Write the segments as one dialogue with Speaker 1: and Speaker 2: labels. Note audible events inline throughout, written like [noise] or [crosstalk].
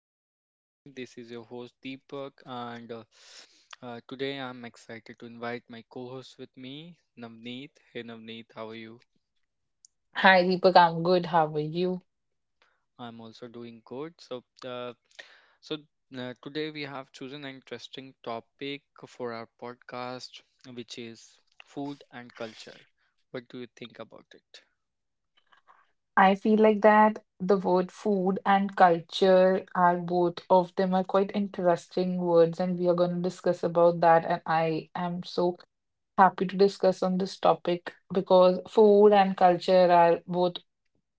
Speaker 1: Vibe with me. This is your host Deepak, and today I'm excited to invite my co-host with me, Navneet. Hey Navneet, how are you?
Speaker 2: Hi Deepak, I'm good. How are you?
Speaker 1: I'm also doing good. So today we have chosen an interesting topic for our podcast, which is food and culture. What do you think about it?
Speaker 2: I feel like that the word food and culture, are both of them are quite interesting words, and we are going to discuss about that. And I am so happy to discuss on this topic because food and culture are both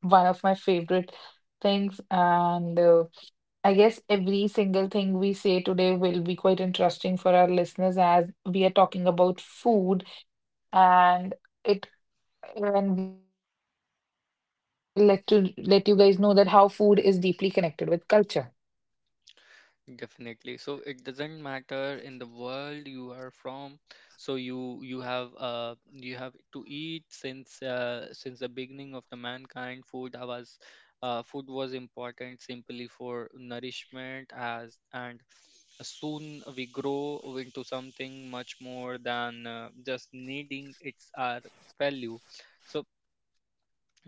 Speaker 2: one of my favorite things. And I guess every single thing we say today will be quite interesting for our listeners as we are talking about food and. It. And we will let to let you guys know that how food is deeply connected with culture.
Speaker 1: Definitely. So it doesn't matter in the world you are from. So you have you have to eat since the beginning of the mankind. Food was important simply for nourishment as and soon we grow into something much more than just needing its our value. So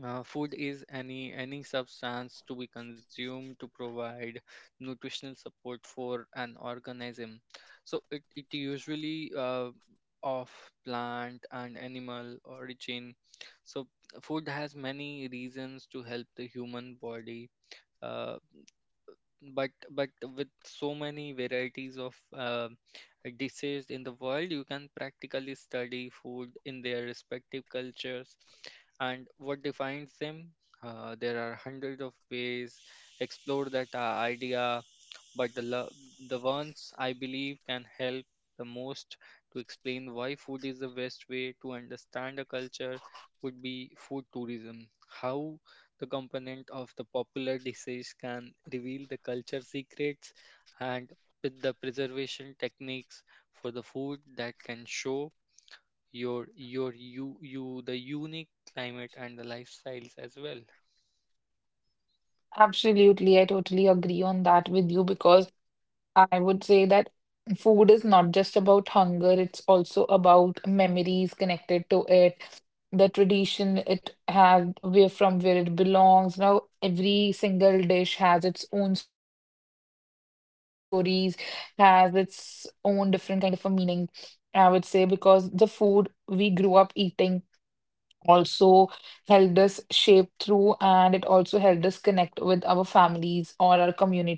Speaker 1: uh, food is any substance to be consumed to provide nutritional support for an organism. So it usually of plant and animal origin. So food has many reasons to help the human body. uh, but with so many varieties of dishes in the world, you can practically study food in their respective cultures and what defines them. There are hundreds of ways explore that idea, but the ones I believe can help the most to explain why food is the best way to understand a culture would be food tourism, how the component of the popular disease can reveal the culture secrets, and with the preservation techniques for the food that can show you the unique climate and the lifestyles as well.
Speaker 2: Absolutely, I totally agree on that with you because I would say that food is not just about hunger, it's also about memories connected to it, the tradition it has, where from where it belongs. Now, every single dish has its own stories, has its own different kind of a meaning, I would say, because the food we grew up eating also helped us shape through, and it also helped us connect with our families or our community.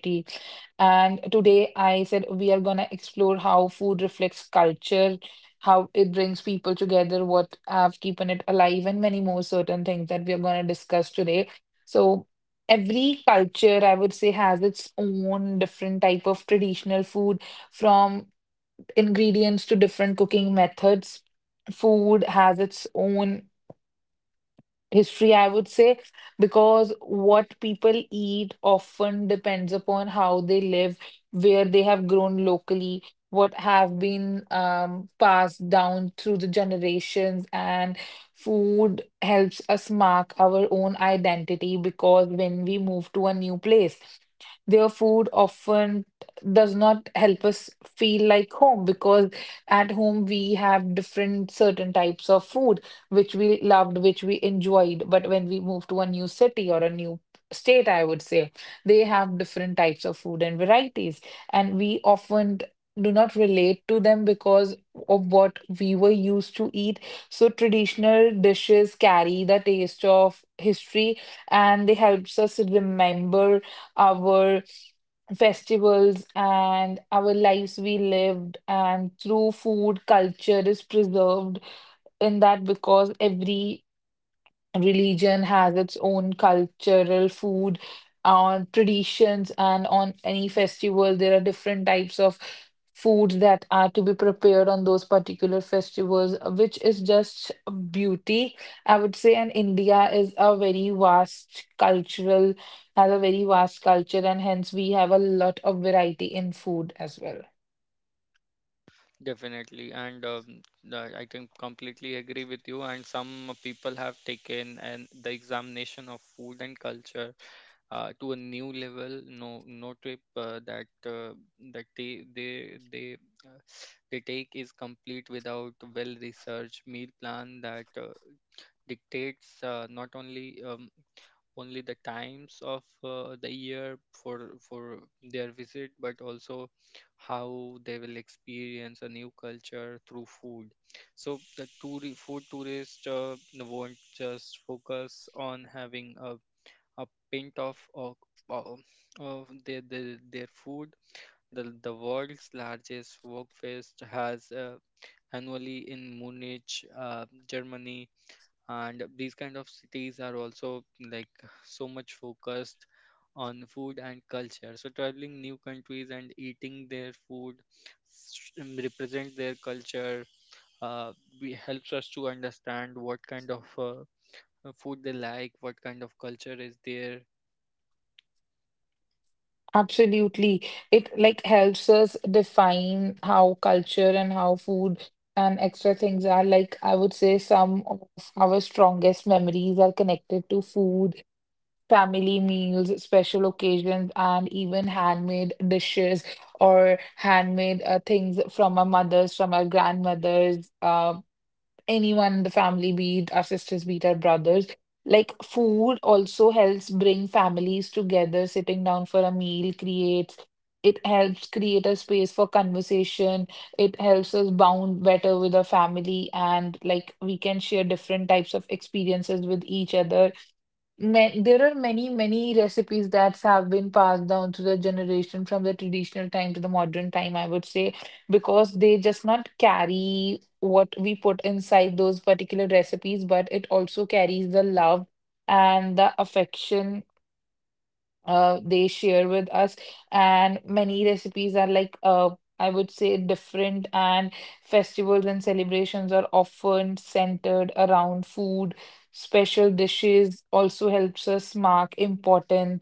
Speaker 2: And today I said we are going to explore how food reflects culture, how it brings people together, what have keeping it alive, and many more certain things that we are going to discuss today. So every culture, I would say, has its own different type of traditional food, from ingredients to different cooking methods. Food has its own history, I would say, because what people eat often depends upon how they live, where they have grown locally, what have been passed down through the generations, and food helps us mark our own identity, because when we move to a new place, their food often does not help us feel like home, because at home we have different certain types of food which we loved, which we enjoyed. But when we move to a new city or a new state, I would say, they have different types of food and varieties. And we often do not relate to them because of what we were used to eat. So traditional dishes carry the taste of history, and they helps us remember our festivals and our lives we lived, and through food culture is preserved in that, because every religion has its own cultural food on traditions, and on any festival there are different types of foods that are to be prepared on those particular festivals, which is just a beauty, I would say. And India is a very vast cultural, has a very vast culture, and hence we have a lot of variety in food as well.
Speaker 1: Definitely, and I can completely agree with you. And some people have taken and the examination of food and culture to a new level. No, no trip that that uh, they take is complete without well researched meal plan that dictates not only the times of the year for their visit, but also how they will experience a new culture through food. So the tour food tourist won't just focus on having a pint of of of their food. The world's largest folk fest has annually in Munich, Germany, and these kind of cities are also like so much focused on food and culture. So traveling new countries and eating their food represent their culture, uh, we helps us to understand what kind of food they like, what kind of culture is there.
Speaker 2: Absolutely. It like helps us define how culture and how food and extra things are. Like I would say some of our strongest memories are connected to food, family meals, special occasions, and even handmade dishes or handmade things from our mothers, from our grandmothers. Anyone in the family, be it our sisters, be it our brothers. Like food also helps bring families together, sitting down for a meal creates, it helps create a space for conversation. It helps us bond better with our family, and like we can share different types of experiences with each other. Ma, there are many, many recipes that have been passed down through the generation, from the traditional time to the modern time, I would say, because they just not carry what we put inside those particular recipes, but it also carries the love and the affection they share with us. And many recipes are like, I would say, different. And festivals and celebrations are often centered around food. Special dishes also helps us mark important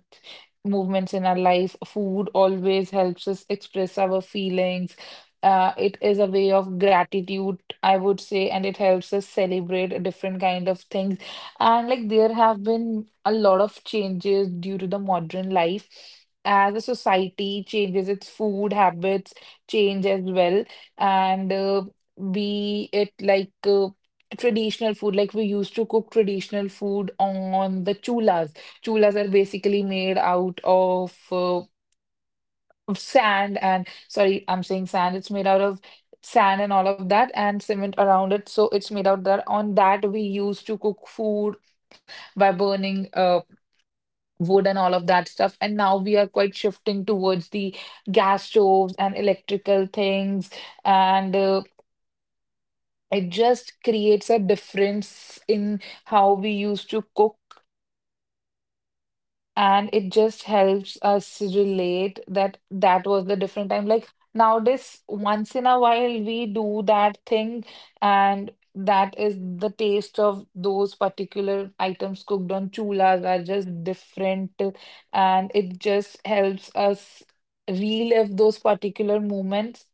Speaker 2: movements in our life. Food always helps us express our feelings. It is a way of gratitude, I would say, and it helps us celebrate a different kind of things. And like there have been a lot of changes due to the modern life, as a society changes its food habits change as well. And Be it like traditional food, like we used to cook traditional food on the chulas. Are basically made out of sand, and sorry I'm saying sand, it's made out of sand and all of that and cement around it, so it's made out that, on that we used to cook food by burning wood and all of that stuff. And now we are quite shifting towards the gas stoves and electrical things. And It just creates a difference in how we used to cook, and it just helps us relate that that was the different time. Like nowadays once in a while we do that thing, and that is the taste of those particular items cooked on chulas are just different, and it just helps us relive those particular moments,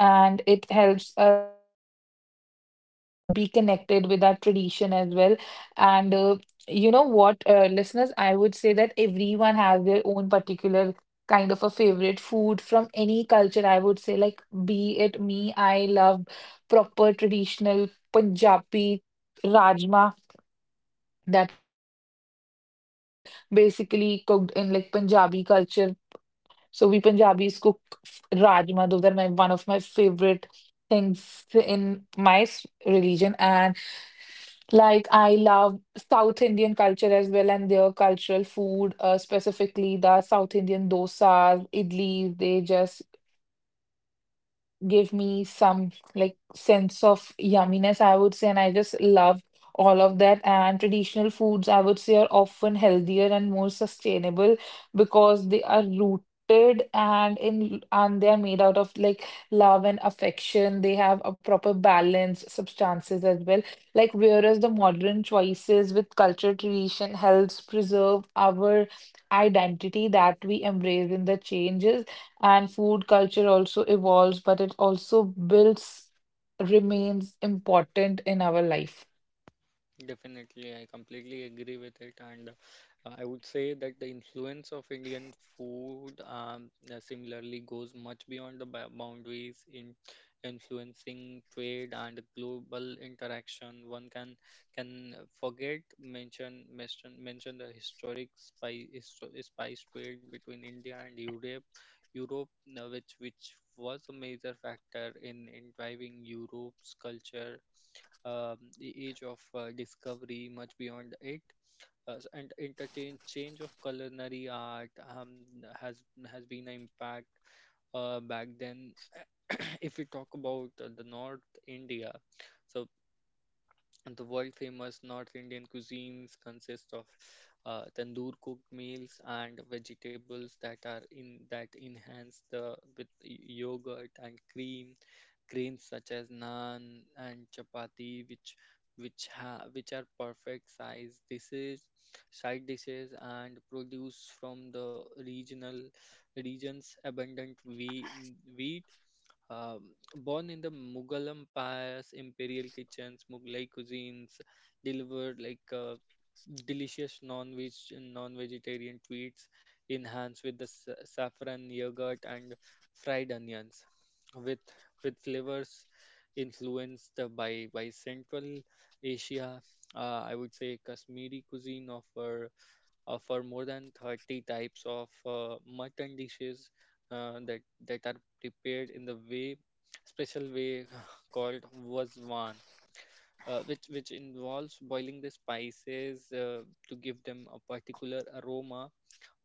Speaker 2: and it helps us be connected with our tradition as well. And You know what, listeners, I would say that everyone has their own particular kind of a favorite food from any culture. I would say, like, be it me, I love proper traditional Punjabi rajma that are basically cooked in like Punjabi culture. So we Punjabis cook rajma. Those are my one of my favorite things in my religion. And like I love South Indian culture as well, and their cultural food, specifically the South Indian dosas, idlis. They just give me some like sense of yumminess, I would say, and I just love all of that. And traditional foods, I would say, are often healthier and more sustainable because they are rooted and in, and they are made out of like love and affection. They have a proper balance, substances as well. Like whereas the modern choices with culture tradition helps preserve our identity, that we embrace in the changes, and food culture also evolves, but it also builds, remains important in our life.
Speaker 1: Definitely, I completely agree with it, and I would say that the influence of Indian food similarly goes much beyond boundaries in influencing trade and global interaction. One can forget mention the historic spice trade between India and Europe, which was a major factor in driving Europe's culture, the age of discovery, much beyond it. And interchange change of culinary art has has been an impact back then. [coughs] [clears throat] If we talk about the North India, so the world famous North Indian cuisines consist of tandoor cooked meals and vegetables that are in that enhance the with yogurt and cream, grains such as naan and chapati, which are perfect size dishes, side dishes, and produce from the regional region's abundant wheat. um, Born in the Mughal empires, imperial kitchens, Mughlai cuisines delivered delicious non-vegetarian treats enhanced with the saffron, yogurt, and fried onions, with flavors influenced by central Asia. I would say Kashmiri cuisine offer more than 30 types of mutton dishes, uh, that that are prepared in the way special way [laughs] called wasvan, which involves boiling the spices to give them a particular aroma.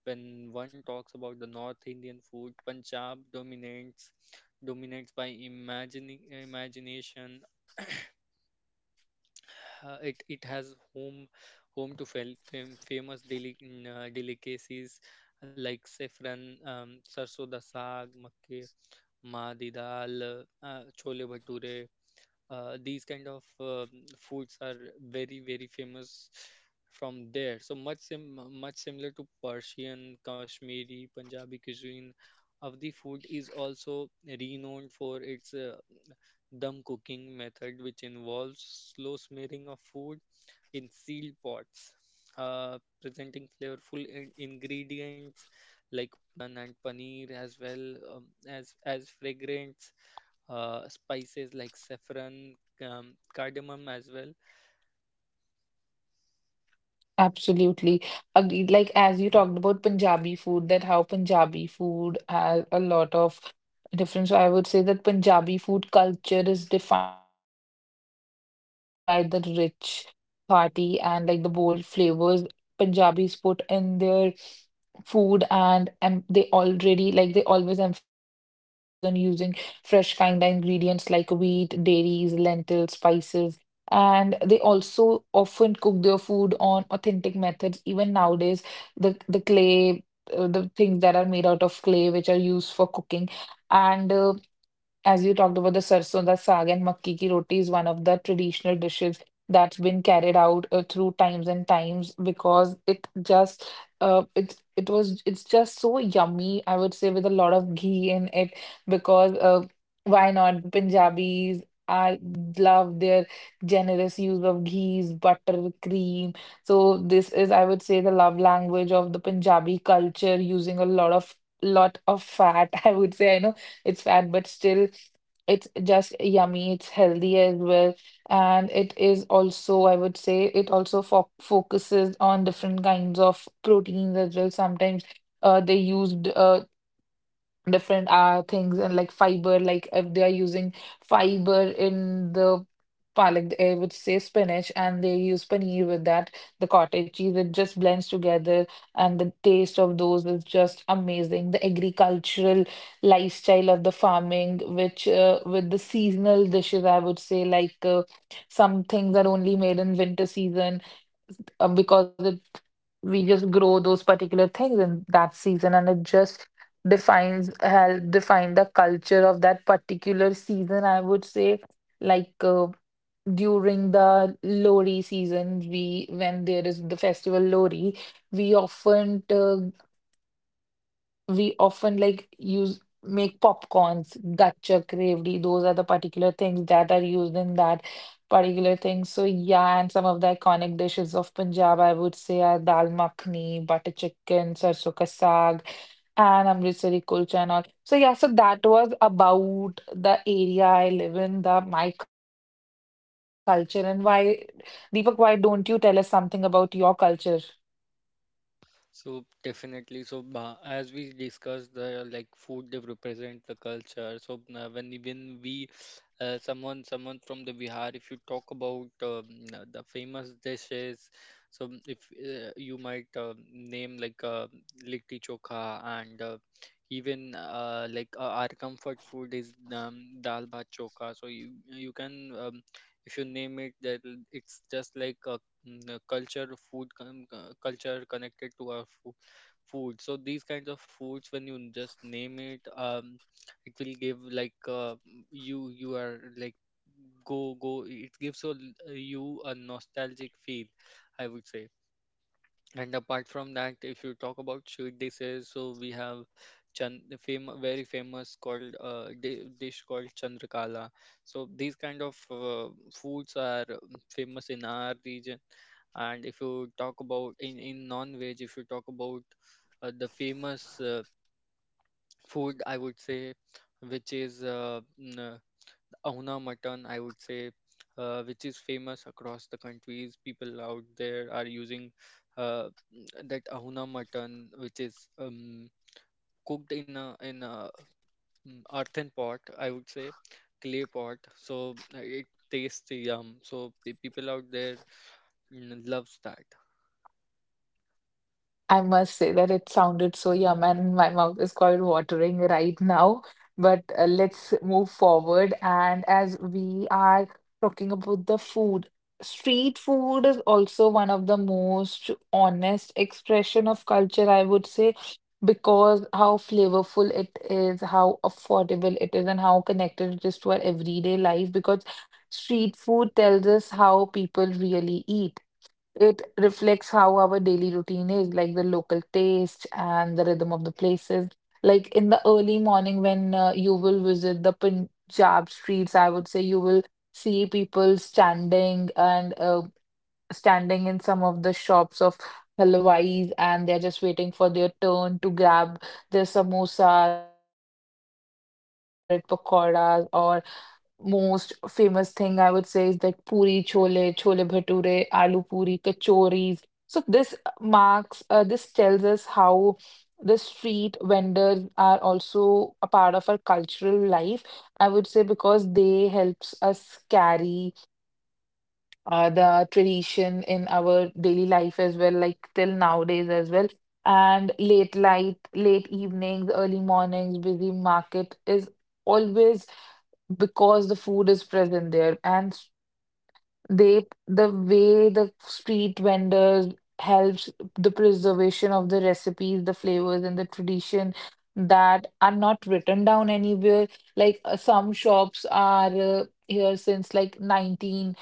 Speaker 1: When one talks about the North Indian food, Punjab dominates by imagining imagination. It has home to famous delicacies like saffron, sarso da saag, makke, maadi dal, chole bhature. These kind of foods are very famous from there, so much similar to Persian, Kashmiri, Punjabi cuisine. Avdi food is also renowned for its dum cooking method, which involves slow smearing of food in sealed pots, presenting flavorful ingredients like naan and paneer, as well as fragrance spices like saffron, cardamom as well.
Speaker 2: Absolutely. Agreed. Like as you talked about Punjabi food, that how Punjabi food has a lot of difference. So I would say that Punjabi food culture is defined by the rich, hearty, and like the bold flavors Punjabis put in their food, and they already, like they always emphasize on using fresh kind of ingredients like wheat, dairies, lentils, spices, and they also often cook their food on authentic methods. Even nowadays, the clay, the things that are made out of clay, which are used for cooking, and as you talked about the sarson da saag and makki ki roti, is one of the traditional dishes that's been carried out through times and times, because it just it's just so yummy, I would say, with a lot of ghee in it. Because Why not? Punjabis, I love their generous use of ghees, butter, cream. So this is, I would say, the love language of the Punjabi culture, using a lot of fat, [laughs] I would say. I know it's fat, but still, it's just yummy, it's healthy as well. And it is also, I would say, it also fo focuses on different kinds of proteins as well. Sometimes they used different things, and like fiber, like if they are using fiber in the palak, eh, which says spinach, and they use paneer with that, the cottage cheese, it just blends together, and the taste of those is just amazing. The agricultural lifestyle of the farming, which with the seasonal dishes, I would say, like some things are only made in winter season because it, we just grow those particular things in that season, and it just defines, help define the culture of that particular season, I would say. Like during the lori season, we, when there is the festival lori, we often uh, we often like use, make popcorns, gachak, gravy. Those are the particular things that are used in that particular thing. So yeah. And some of the iconic dishes of Punjab, I would say, are dal makhni, butter chicken, sarson ka saag, and Amritsari kulcha and all. So yeah, so that was about the area I live in, the my culture, and why, Deepak, why don't you tell us something about your culture?
Speaker 1: So definitely, so as we discussed, the like food they represent the culture. So when even we, someone from the Bihar, if you talk about the famous dishes, so if you might name like litti chokha and even our comfort food is dal bhat chokha. So you can if you name it that, it's just like a the culture food culture connected to our food. So these kinds of foods, when you just name it, it will give like you are like go go it gives you you a nostalgic feel, I would say. And apart from that, if you talk about sweet dishes, so we have very famous called dish called Chandrakala. So these kind of foods are famous in our region. And if you talk about in non-veg, if you talk about the famous food, I would say, which is Ahuna mutton, I would say, which is famous across the countries. People out there are using uh, that Ahuna mutton, which is cooked in a mm, earthen pot, I would say, clay pot. So it tastes yum. So people out there loves that.
Speaker 2: I must say that it sounded so yum, and my mouth is quite watering right now. But let's move forward. And as we are talking about the food, street food is also one of the most honest expression of culture, I would say, because how flavorful it is, how affordable it is, and how connected it is to our everyday life. Because street food tells us how people really eat. It reflects how our daily routine is, like the local taste and the rhythm of the places. Like in the early morning, when you will visit the Punjab streets, I would say you will see people standing and standing in some of the shops of halwais, and they're just waiting for their turn to grab their samosas, their bread pakoras, or most famous thing I would say is like puri chole, chole bhature, aloo puri, kachoris. So this this tells us how the street vendors are also a part of our cultural life. I would say because they helps us carry the tradition in our daily life as well, like till nowadays as well. And late light, late evenings, early mornings, busy market is always because the food is present there and they the way the street vendors helps the preservation of the recipes, the flavors, and the tradition that are not written down anywhere, like some shops are here since like 19,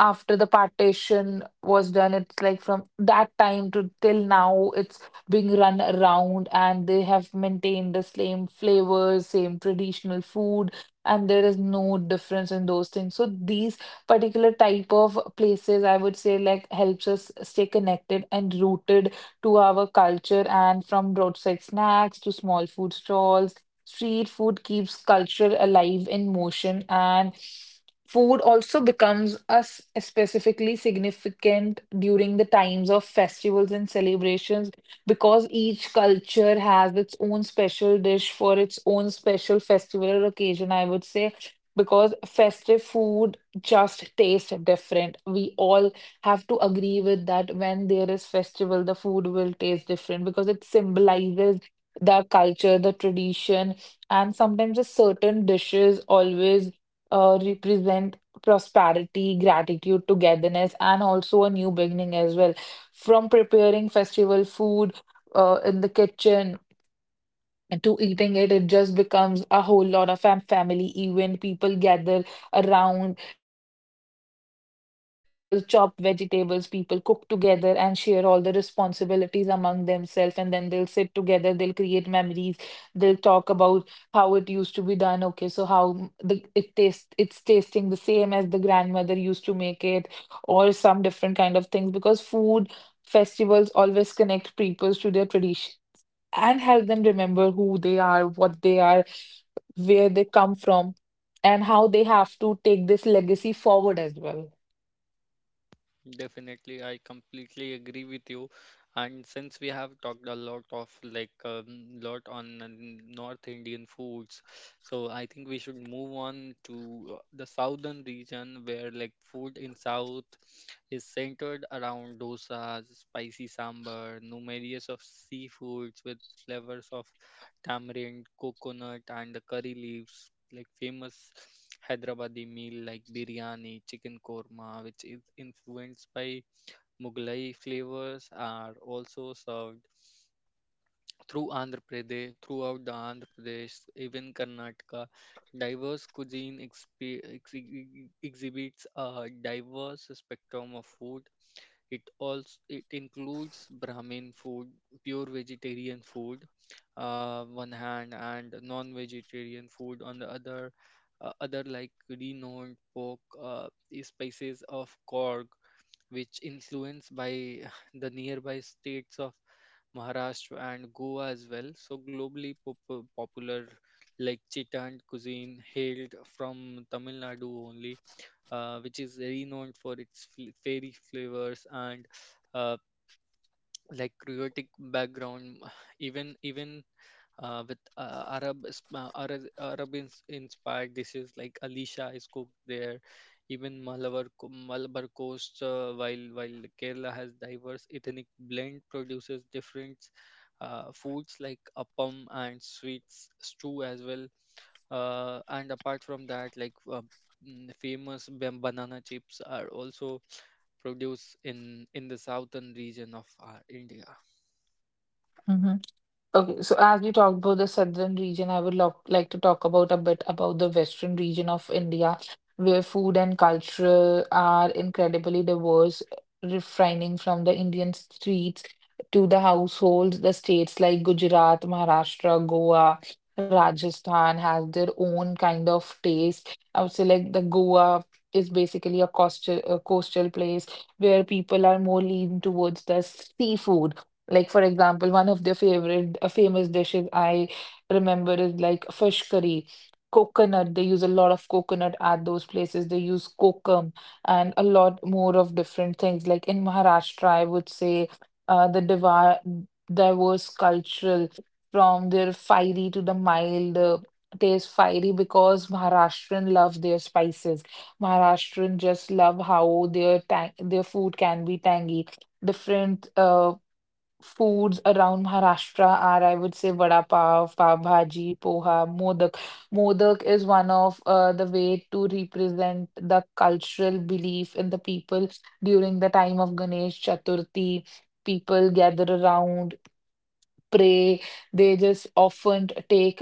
Speaker 2: after the partition was done. It's like from that time to till now it's being run around, and they have maintained the same flavors, same traditional food, and there is no difference in those things. So these particular type of places, I would say, like helps us stay connected and rooted to our culture. And from roadside snacks to small food stalls, street food keeps culture alive in motion. And food also becomes us specifically significant during the times of festivals and celebrations, because each culture has its own special dish for its own special festival or occasion, I would say. Because festive food just tastes different. We all have to agree with that. When there is festival, the food will taste different because it symbolizes the culture, the tradition, and sometimes a certain dishes always represent prosperity, gratitude, togetherness, and also a new beginning as well. From preparing festival food in the kitchen and to eating it, it just becomes a whole lot of family event. People gather around, people chop vegetables, people cook together and share all the responsibilities among themselves, and then they'll sit together, they'll create memories, they'll talk about how it used to be done. Okay, so how the it tastes, it's tasting the same as the grandmother used to make it, or some different kind of things, because food festivals always connect peoples to their tradition and help them remember who they are, what they are, where they come from, and how they have to take this legacy forward as well.
Speaker 1: Definitely, I completely agree with you. And since we have talked a lot of like lot on North Indian foods, so I think we should move on to the southern region, where like food in South is centered around dosas, spicy sambar, numerous of seafoods with flavors of tamarind, coconut, and the curry leaves. Like famous Hyderabadi meal like biryani, chicken korma, which is influenced by Mughlai flavors, are also served through Andhra Pradesh, throughout the Andhra Pradesh, even Karnataka. Diverse cuisine exhibits a diverse spectrum of food. It also it includes Brahmin food, pure vegetarian food, one hand, and non-vegetarian food on the other. Other like renowned pork species of Korg, which influenced by [laughs] [sighs] the nearby states of Maharashtra and Goa as well. So globally popular like Chittand cuisine hailed from Tamil Nadu only, which is renowned for its fairy flavors and uh, like Creotic background, [sighs] even even with Arab is- Arab Arab inspired dishes like Alisha is cooked there. Even Malabar coast, while Kerala has diverse ethnic blend, produces different foods like appam and sweets stew as well. And apart from that, famous banana chips are also produced in the southern region of our India.
Speaker 2: Okay, so as you talked about the southern region, I would love like to talk about a bit about the western region of India, where food and culture are incredibly diverse, refining from the Indian streets to the households. The states like Gujarat, Maharashtra, Goa, Rajasthan has their own kind of taste. I would say like the Goa is basically a coastal place where people are more lean towards the seafood, like for example, one of their favorite famous dishes I remember is like fish curry, coconut. They use a lot of coconut at those places. They use kokum and a lot more of different things. Like in Maharashtra, I would say the diva diverse cultural from their fiery to the mild. Taste fiery because Maharashtrian love their spices. Maharashtrian just love how their tang their food can be tangy, different foods around Maharashtra are, I would say, vada pav, pav bhaji, poha, modak. Modak is one of the way to represent the cultural belief in the people during the time of Ganesh Chaturthi. People gather around, pray. They just often take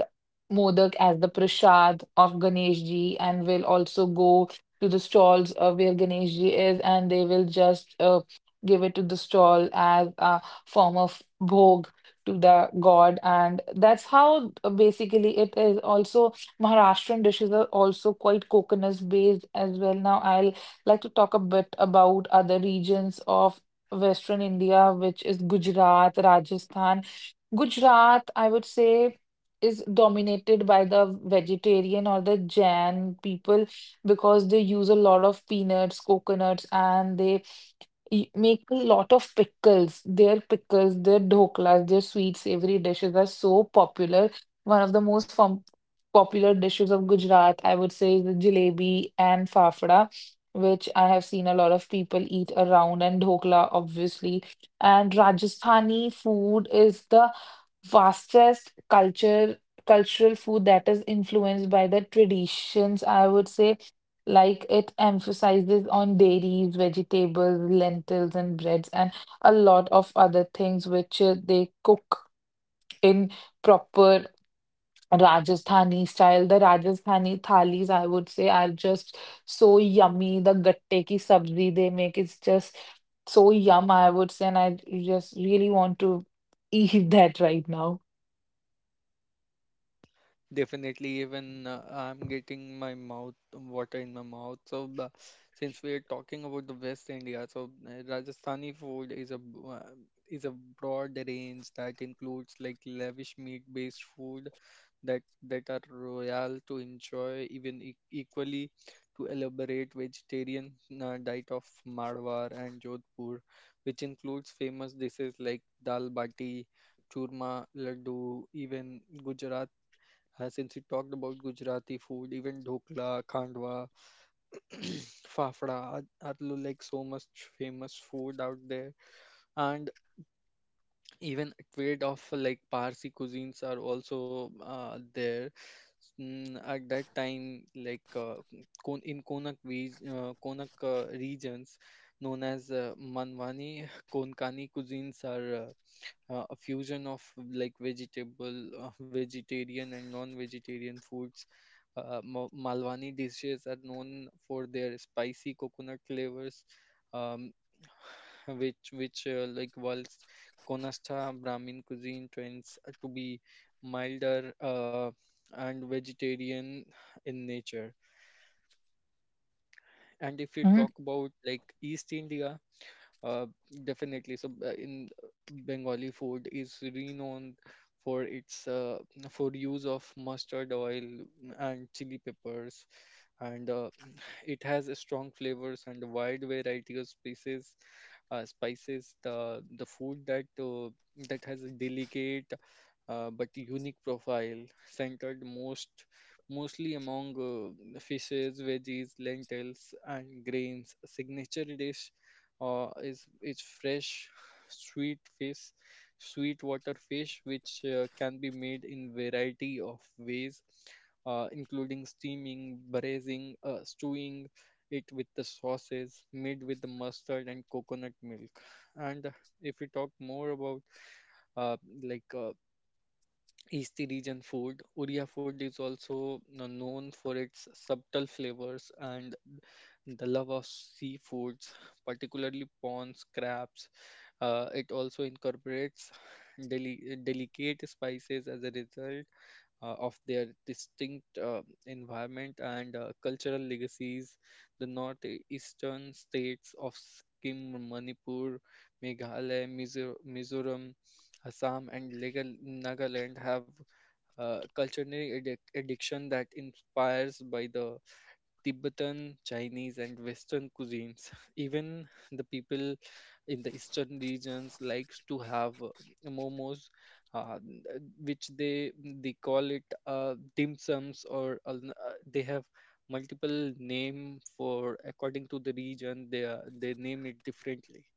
Speaker 2: modak as the prasad of Ganesh ji, and will also go to the stalls of where Ganesh ji is, and they will just give it to the stall as a form of bhog to the god, and that's how basically it is also Maharashtrian dishes are also quite coconut based as well. Now, I'll like to talk a bit about other regions of Western India, which is Gujarat, Rajasthan. Gujarat, I would say, is dominated by the vegetarian or the Jain people because they use a lot of peanuts, coconuts, and they make a lot of pickles. Their pickles, their dhoklas, their sweet savory dishes are so popular. One of the popular dishes of Gujarat, I would say, is the jalebi and fafda, which I have seen a lot of people eat around, and dhokla, obviously. And Rajasthani food is the vastest culture cultural food that is influenced by the traditions, I would say. Like it emphasizes on dairies, vegetables, lentils, and breads, and a lot of other things which they cook in proper Rajasthani style. The Rajasthani thalis, I would say, are just so yummy. The gatte ki sabzi they make is just so yum, I would say, and I just really want to eat [laughs] that right now.
Speaker 1: Definitely, even I'm getting my mouth water in my mouth. Since we are talking about the West India, so Rajasthani food is is a broad range that includes like lavish meat-based food that are royal to enjoy equally to elaborate vegetarian diet of Marwar and Jodhpur, which includes famous dishes like dal bati, churma, laddu, even Gujarat. Since we talked about Gujarati food, even dhokla, khandwa, [clears throat] fafda are like so much famous food out there, and even trade of like Parsi cuisines are also there. At that time, in Konak, Konak regions known as Manwani, Konkani cuisines are a fusion of like vegetable, vegetarian and non-vegetarian foods. Malwani dishes are known for their spicy coconut flavors, um, [sighs] which whilst Konasta Brahmin cuisine trends to be milder and vegetarian in nature. And if you talk
Speaker 2: Mhm.
Speaker 1: about like East India, uh, definitely. So in Bengali food is renowned for its for use of mustard oil and chili peppers, and it has a strong flavors and a wide variety of species, spices. The food that that has a delicate but unique profile, centered mostly among fishes, veggies, lentils, and grains. A signature dish is fresh, sweet fish, sweet water fish, which can be made in variety of ways, including steaming, braising, stewing it with the sauces, made with the mustard and coconut milk. And if we talk more about uh, like uh, East region food, Oriya food is also known for its subtle flavors and the love of seafoods, particularly prawns, crabs. It also incorporates delicate spices as a result of their distinct environment and cultural legacies. The northeastern states of Sikkim, Manipur, Meghalaya, Mizoram, Assam, and Nagaland have cultural addiction that inspires by the Tibetan, Chinese, and Western cuisines. [laughs] Even the people in the eastern regions likes to have momos, which they call it dim sums, or they have multiple name for according to the region. They are, they name it differently.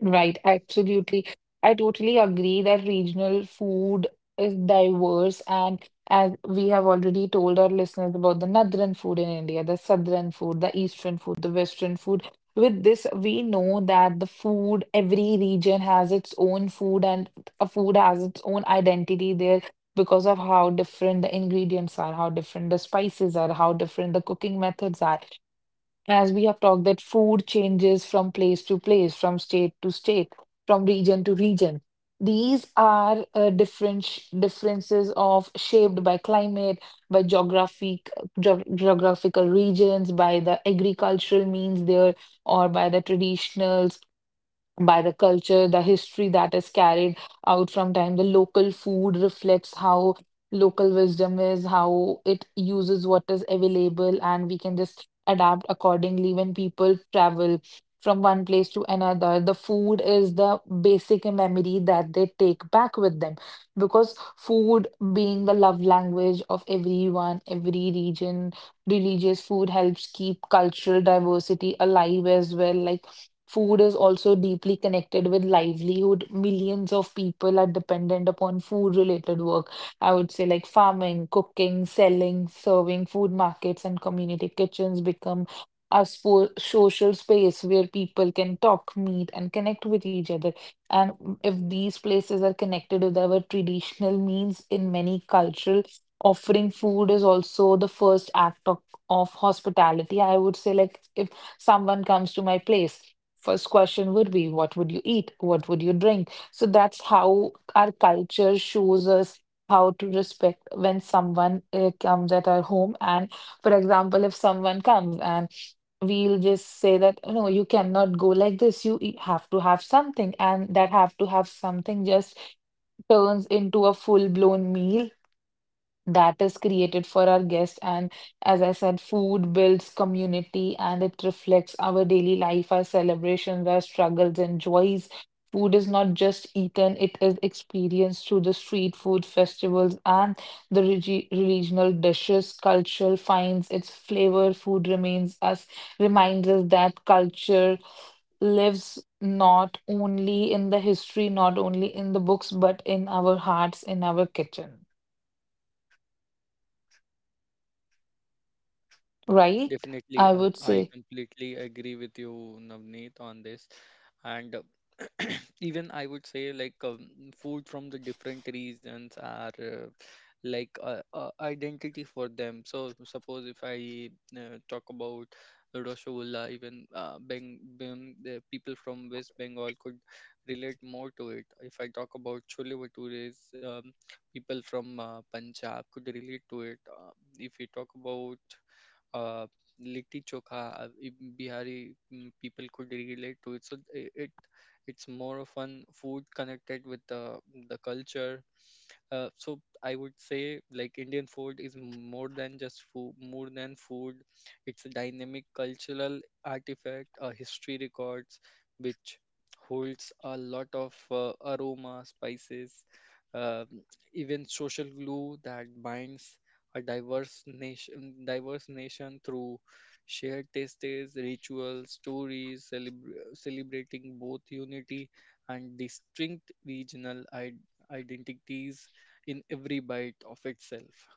Speaker 2: Right, absolutely. I totally agree that regional food is diverse, and as we have already told our listeners about the northern food in India, the southern food, the eastern food, the western food. With this, we know that the food, every region has its own food, and a food has its own identity there, because of how different the ingredients are, how different the spices are, how different the cooking methods are. As we have talked, that food changes from place to place, from state to state, from region to region. These are different differences of shaped by climate, by geographic geographical regions, by the agricultural means there, or by the traditional, by the culture, the history that is carried out from time. The local food reflects how local wisdom is, how it uses what is available, and we can just adapt accordingly when people travel from one place to another. The food is the basic memory that they take back with them, because food being the love language of everyone, every region, religious food helps keep cultural diversity alive as well. Like food is also deeply connected with livelihood. Millions of people are dependent upon food-related work. I would say like farming, cooking, selling, serving, food markets and community kitchens become a social space where people can talk, meet, and connect with each other. And if these places are connected with our traditional means in many cultural, offering food is also the first act of hospitality. I would say like if someone comes to my place, first question would be what would you eat, what would you drink. So that's how our culture shows us how to respect when someone comes at our home. And for example, if someone comes and we'll just say that, "Oh, no, you cannot go like this, you have to have something," and that have to have something just turns into a full blown meal that is created for our guests. And as I said, food builds community, and it reflects our daily life, our celebrations, our struggles, and joys. Food is not just eaten, it is experienced through the street food festivals and the regional dishes. Cultural finds its flavor. Food remains us, reminds us that culture lives not only in the history, not only in the books, but in our hearts, in our kitchen, right?
Speaker 1: Definitely,
Speaker 2: I would
Speaker 1: I
Speaker 2: say
Speaker 1: completely agree with you, Navneet, on this. And [clears throat] even I would say, food from the different regions are identity for them. So, suppose if I talk about Rasgulla, even the people from West Bengal could relate more to it. If I talk about Chole Bhatures, people from Punjab could relate to it. If we talk about uh, litti chokha, Bihari people could relate to it. So it it's more of an food connected with the culture. So I would say like Indian food is more than just food, more than food. It's a dynamic cultural artifact, a history records, which holds a lot of aroma, spices, um even social glue that binds a diverse nation through shared tastes, rituals, stories, celebrating both unity and distinct regional identities in every bite of itself.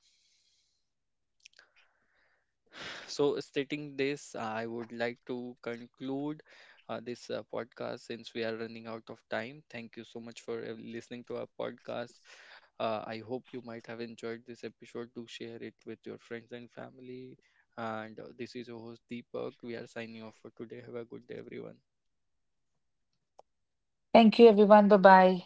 Speaker 1: So, stating this, I would like to conclude this podcast since we are running out of time. Thank you so much for listening to our podcast. I hope you might have enjoyed this episode. Do share it with your friends and family. And this is your host Deepak. We are signing off for today. Have a good day, everyone.
Speaker 2: thank you, everyone. Bye bye.